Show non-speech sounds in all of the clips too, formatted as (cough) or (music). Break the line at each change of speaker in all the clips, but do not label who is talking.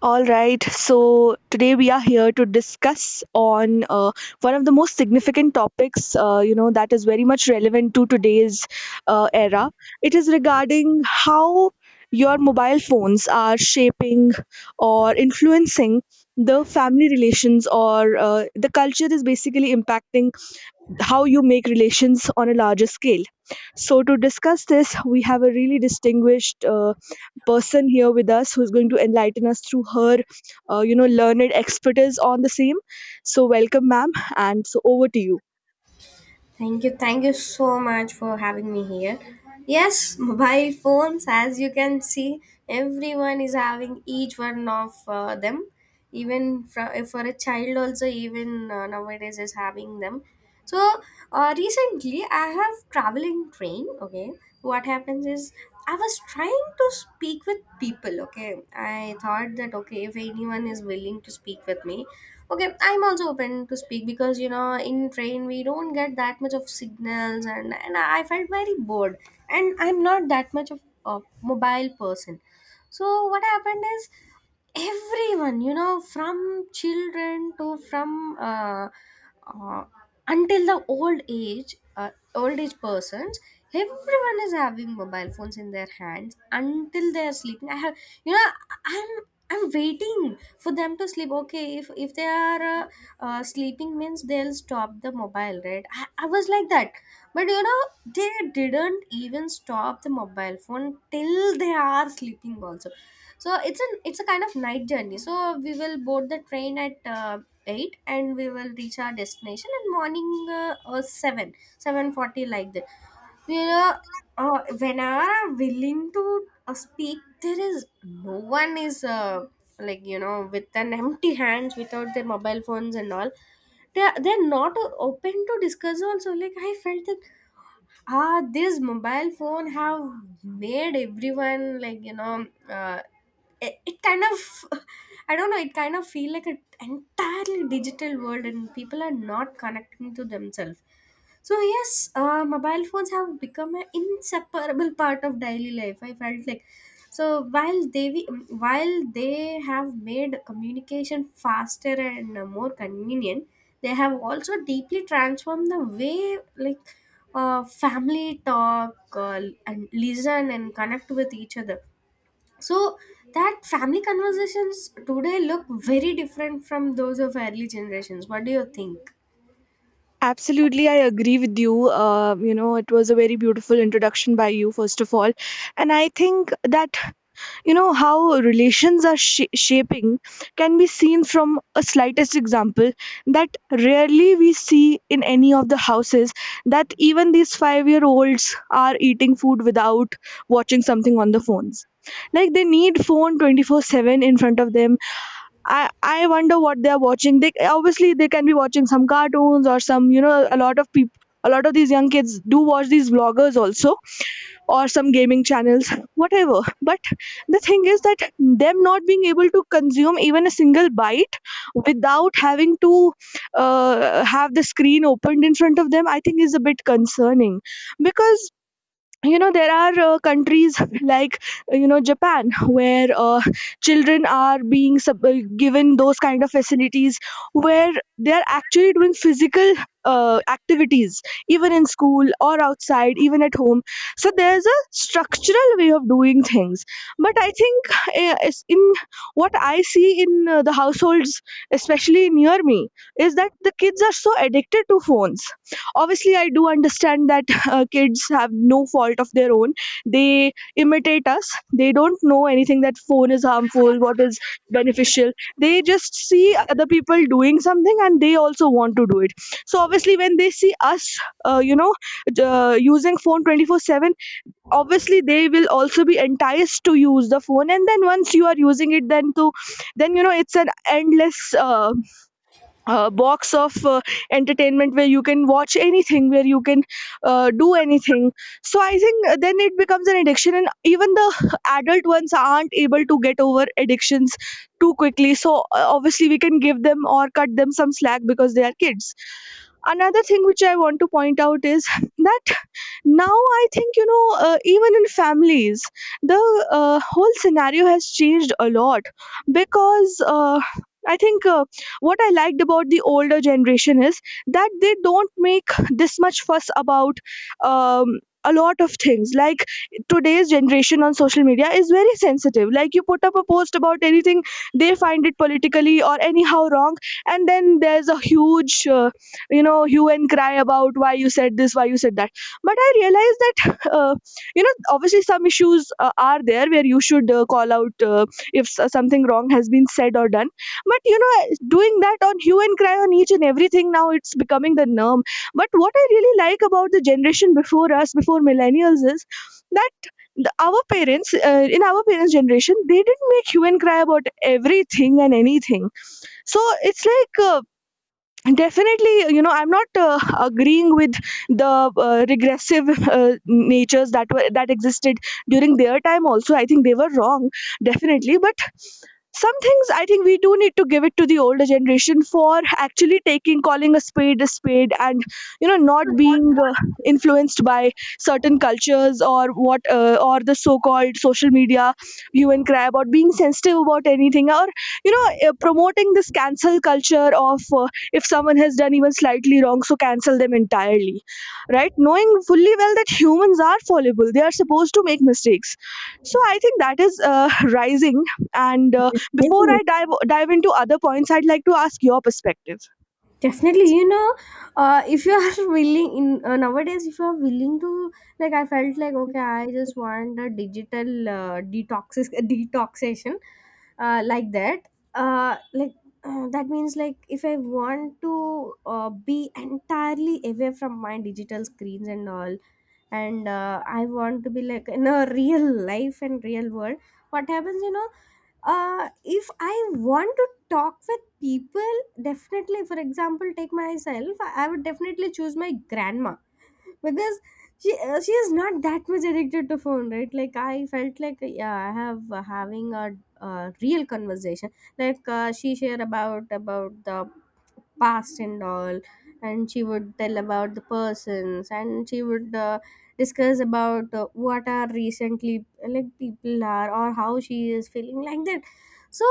All right, so today we are here to discuss on one of the most significant topics, that is very much relevant to today's era. It is regarding how your mobile phones are shaping or influencing the family relations, or the culture is basically impacting how you make relations on a larger scale. So to discuss this, we have a really distinguished person here with us who's going to enlighten us through her learned expertise on the same. So, welcome, ma'am, and so over to you.
Thank you. Thank you so much for having me here. Yes, mobile (laughs) phones, as you can see, everyone is having each one of them. Even for a child, also, even nowadays, is having them. So, recently, I have traveled in train. Okay, what happens is I was trying to speak with people. Okay, I thought that, okay, if anyone is willing to speak with me, okay, I'm also open to speak because, you know, in train we don't get that much of signals, and I felt very bored, and I'm not that much of a mobile person. So what happened is, everyone, you know, from children to from uh, until the old age, old age persons, everyone is having mobile phones in their hands until they are sleeping. I have you know i'm i'm waiting for them to sleep. Okay, if they are sleeping means they'll stop the mobile, right? I was like that. But, you know, they didn't even stop the mobile phone till they are sleeping also. So it's a kind of night journey. So we will board the train at 8, and we will reach our destination in morning, 7, 7:40, like that, you know. Whenever I'm willing to speak, there is no one is, like, you know, with an (laughs) empty hands without their mobile phones and all. They're not open to discuss also. Like, I felt that, ah, this mobile phone have made everyone like, you know, it kind of (laughs) I don't know, it kind of feel like an entirely digital world, and people are not connecting to themselves. So yes, mobile phones have become an inseparable part of daily life, I felt like. So, while they we- while they have made communication faster and more convenient, they have also deeply transformed the way, like, family talk uh, and listen and connect with each other. So that family conversations today look very different from those of early generations. What do you think?
Absolutely, I agree with you. It was a very beautiful introduction by you, first of all. And I think that, you know, how relations are shaping can be seen from a slightest example, that rarely we see in any of the houses that even these 5-year-olds are eating food without watching something on the phones. Like, they need phone 24/7 in front of them. I i wonder what they are watching. They obviously, they can be watching some cartoons or, some you know, a lot of people, a lot of these young kids do watch these vloggers also, or some gaming channels, whatever. But the thing is that them not being able to consume even a single bite without having to have the screen opened in front of them, I think, is a bit concerning. Because, you know, there are countries (laughs) like, you know, Japan, where children are being given those kind of facilities where they are actually doing physical activities, even in school or outside, even at home. So there's a structural way of doing things. But I think, in what I see in the households, especially near me, is that the kids are so addicted to phones. Obviously, I do understand that kids have no fault of their own. They imitate us. They don't know anything, that phone is harmful, what is beneficial. They just see other people doing something and they also want to do it. So obviously, when they see us, uh, you know using phone 24/7, obviously they will also be enticed to use the phone. And then once you are using it, then to, then, you know, it's an endless uh, box of entertainment where you can watch anything, where you can do anything. So I think, then it becomes an addiction, and even the (laughs) adult ones aren't able to get over addictions too quickly. So obviously we can give them or cut them some slack because they are kids. Another thing which I want to point out is (laughs) that now, I think, you know, even in families the whole scenario has changed a lot. Because I think what I liked about the older generation is that they don't make this much fuss about, a lot of things. Like, today's generation on social media is very sensitive. Like, you put up a post about anything, they find it politically or anyhow wrong, and then there's a huge, you know, hue and cry about why you said this, why you said that. But I realized that, (laughs) uh, you know, obviously some issues are there where you should call out, if something wrong has been said or done. But, you know, doing that, on hue and cry on each and everything, now it's becoming the norm. But what I really like about the generation before us, before millennials, is that the, our parents, in our parents generation, they didn't make hue and cry about everything and anything. So it's like, definitely, you know, I'm not agreeing with the regressive (laughs) natures that were that existed during their time also. I think they were wrong, definitely. But some things, I think, we do need to give it to the older generation, for actually taking, calling a spade a spade, and you know, not being influenced by certain cultures or what, or the so called social media hue and cry, about being sensitive about anything, or you know, promoting this cancel culture of, if someone has done even slightly wrong, so cancel them entirely, right? Knowing fully well that humans are fallible, they are supposed to make mistakes. So I think that is rising. And before
Definitely.
I dive into other points, I'd like to ask your perspective.
Definitely, you know, if you are (laughs) willing in nowadays, if you are willing to, like, I felt like, okay, I just want a digital detoxis (laughs) detoxation, like that. Like, that means, like, if I want to be entirely away from my digital screens and all, and I want to be like in a (laughs) real life and real world. What happens, you know, if I want to talk with people, definitely, for example, take myself, I would definitely choose my grandma, because she is not that much addicted to phone, right? Like, I felt like, yeah, I have having a real conversation. Like, she shared about the past and all, and she would tell about the persons, and she would discuss about what are recently like people are, or how she is feeling, like that. So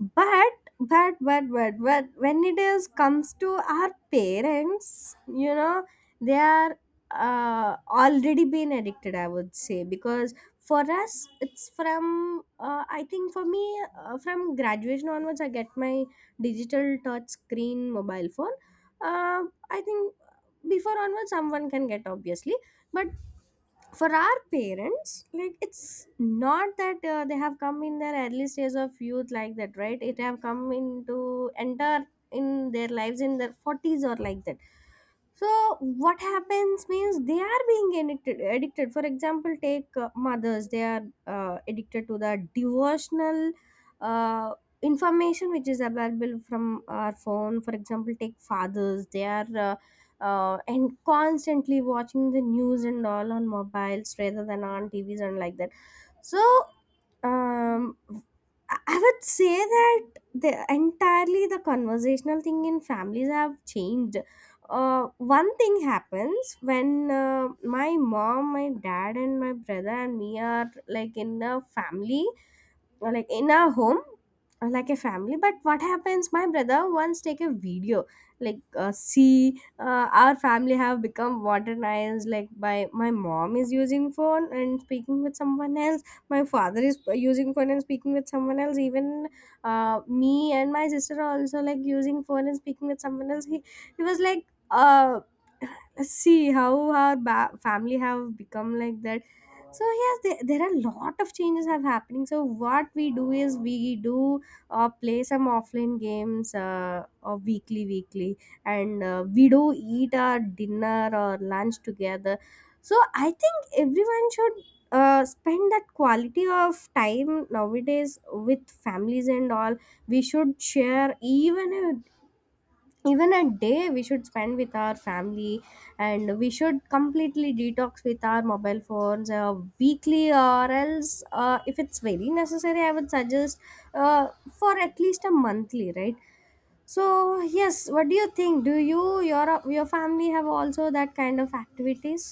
but when it is comes to our parents, you know, they are already been addicted, I would say, because for us it's from, I think, for me, from graduation onwards I get my digital touch screen mobile phone. uh, I think before onwards someone can get, obviously, but for our parents, like, it's not that they have come in their early stage of youth, like that, right? It have come into enter in their lives in their 40s, or like that. So what happens means they are being addicted. For example, take mothers, they are addicted to the devotional uh, information which is available from our phone. For example, take fathers, they are and constantly watching the news and all on mobiles rather than on TVs and like that. So um i I would say that the entirely the conversational thing in families have changed. One thing happens when my mom, my dad, and my brother, and me are like in a family, or like in our home, like a family. But what happens, my brother once take a video, like, see, our family have become modernized, like, by my mom is using phone and speaking with someone else, my father is using phone and speaking with someone else, even me and my sister are also like using phone and speaking with someone else. He was like, uh, see how our family have become, like that. So yes, there are a lot of changes have happening. So what we do is, we do play some offline games, weekly, and we do eat our dinner or lunch together. So I think everyone should spend that quality of time nowadays with families and all. We should share, even if even a day we should spend with our family, and we should completely detox with our mobile phones, weekly, or else, if it's very necessary, I would suggest, for at least a monthly, right? So yes, what do you think? Do you, your family have also that kind of activities?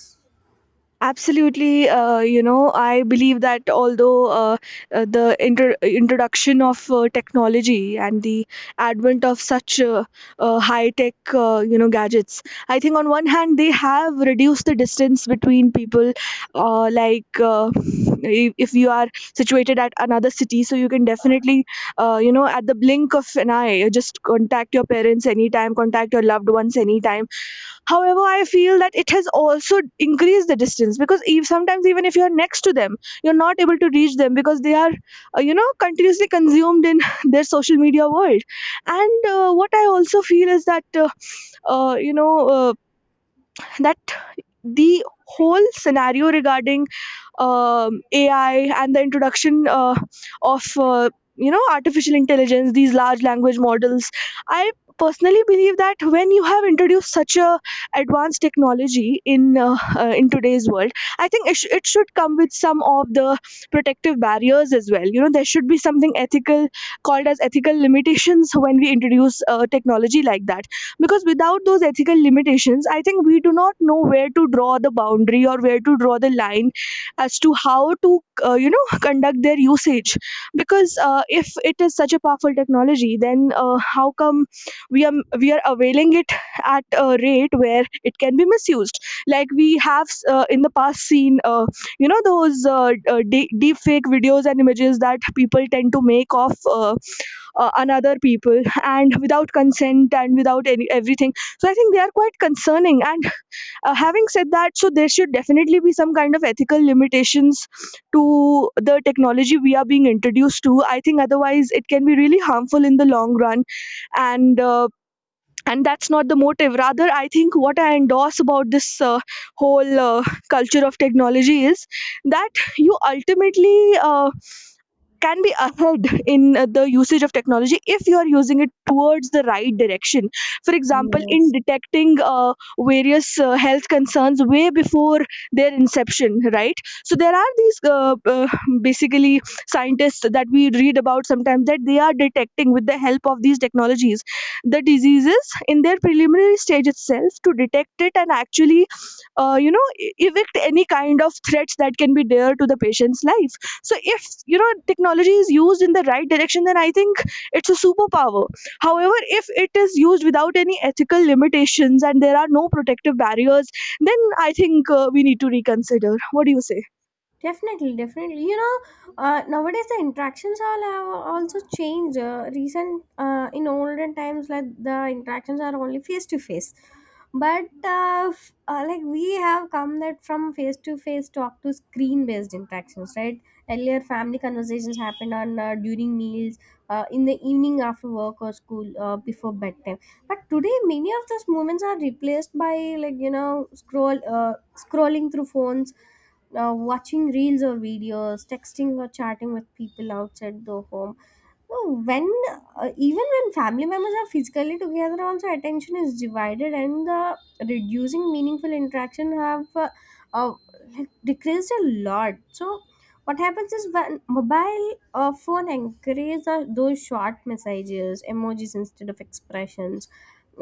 Absolutely, you know, I believe that although, the introduction of technology and the advent of such high-tech, you know, gadgets, I think on one hand they have reduced the distance between people. Like, if you are situated at another city, so you can definitely, you know, at the blink of an eye, just contact your parents anytime, contact your loved ones anytime. However, I feel that it has also increased the distance, because eve, sometimes even if you're next to them, you're not able to reach them because they are, you know, continuously consumed in (laughs) their social media world. And what I also feel is that, uh, you know, uh, that the whole scenario regarding, AI, and the introduction of you know, artificial intelligence, these large language models. I personally believe that when you have introduced such a advanced technology in today's world, I think it it should come with some of the protective barriers as well. You know, there should be something ethical, called as ethical limitations when we introduce technology like that. Because without those ethical limitations, I think we do not know where to draw the boundary or where to draw the line as to how to you know, (laughs) conduct their usage. Because if it is such a powerful technology, then how come we are, we are availing it at a rate where it can be misused. Like, we have in the past seen, you know, those deep fake videos and images that people tend to make of, another people, and without consent and without any, everything. So I think they are quite concerning. And having said that, so there should definitely be some kind of ethical limitations to the technology we are being introduced to. I think otherwise it can be really harmful in the long run. And and that's not the motive. Rather, I think what I endorse about this whole culture of technology is that you ultimately uh, can be ahead (laughs) in the usage of technology, if you are using it towards the right direction. For example, in
Yes.
detecting various health concerns way before their inception, right? So there are these basically scientists that we read about sometimes, that they are detecting, with the help of these technologies, the diseases in their preliminary stage itself, to detect it and actually you know, evict any kind of threats that can be there to the patient's life. So if, you know, technology is used in the right direction, then I think it's a superpower. However, if it is used without any ethical limitations, and there are no protective barriers, then I think we need to reconsider. What do you say?
Definitely, definitely. You know, nowadays the interactions all have also changed. Recent In olden times, like, the interactions are only face to face, but like we have come that from face to face talk to screen based interactions, right? Earlier, family conversations happened on during meals, in the evening after work or school, before bedtime. But today, many of those moments are replaced by, like, you know, scrolling through phones now, watching reels or videos, texting or chatting with people outside the home. So when even when family members are physically together, also attention is divided, and the reducing meaningful interaction have uh, like decreased a lot. So what happens is, when mobile phone encourages those short messages, emojis instead of expressions,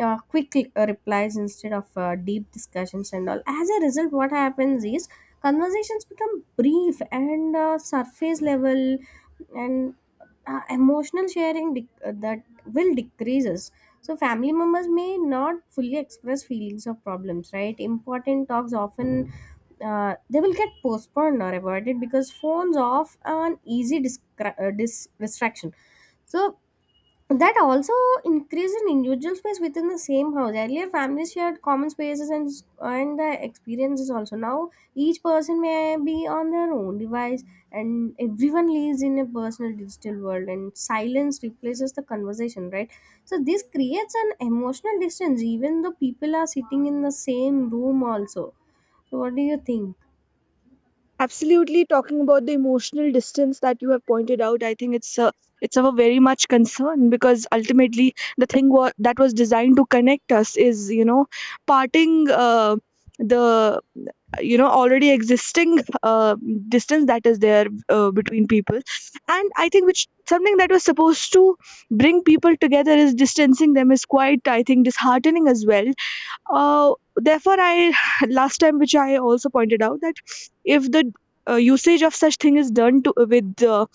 quick replies instead of deep discussions and all, as a result what happens is, conversations become brief and surface level, and emotional sharing that will decreases. So family members may not fully express feelings or problems, right? Important talks often, they will get postponed or avoided because phones off an easy distraction. So that also increases in individual space within the same house. Earlier, families shared common spaces and the experiences also. Now each person may be on their own device, and everyone lives in a personal digital world, and silence replaces the conversation, right? So this creates an emotional distance even though people are sitting in the same room also. So what do you think?
Absolutely, talking about the emotional distance that you have pointed out, I think it's a, it's of a very much concern. Because ultimately, the thing that was designed to connect us is, you know, parting the, you know, already existing distance that is there between people, and I think, which, something that was supposed to bring people together is distancing them, is quite, I think, disheartening as well. Therefore, I (laughs) (sighs) last time, which I also pointed out, that if the usage of such thing is done to, with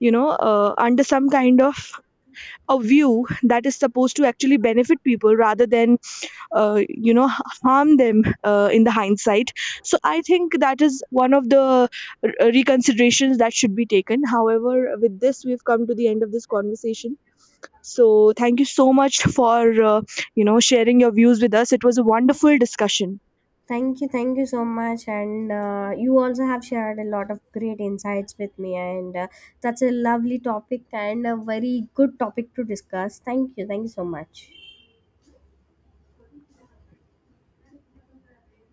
you know, under some kind of a view that is supposed to actually benefit people, rather than you know, harm them in the hindsight. So I think that is one of the r- reconsiderations that should be taken. However, with this we've come to the end of this conversation. So thank you so much for, you know, sharing your views with us. It was a wonderful discussion.
Thank you so much. And you also have shared a lot of great insights with me, and that's a lovely topic and a very good topic to discuss. Thank you so much.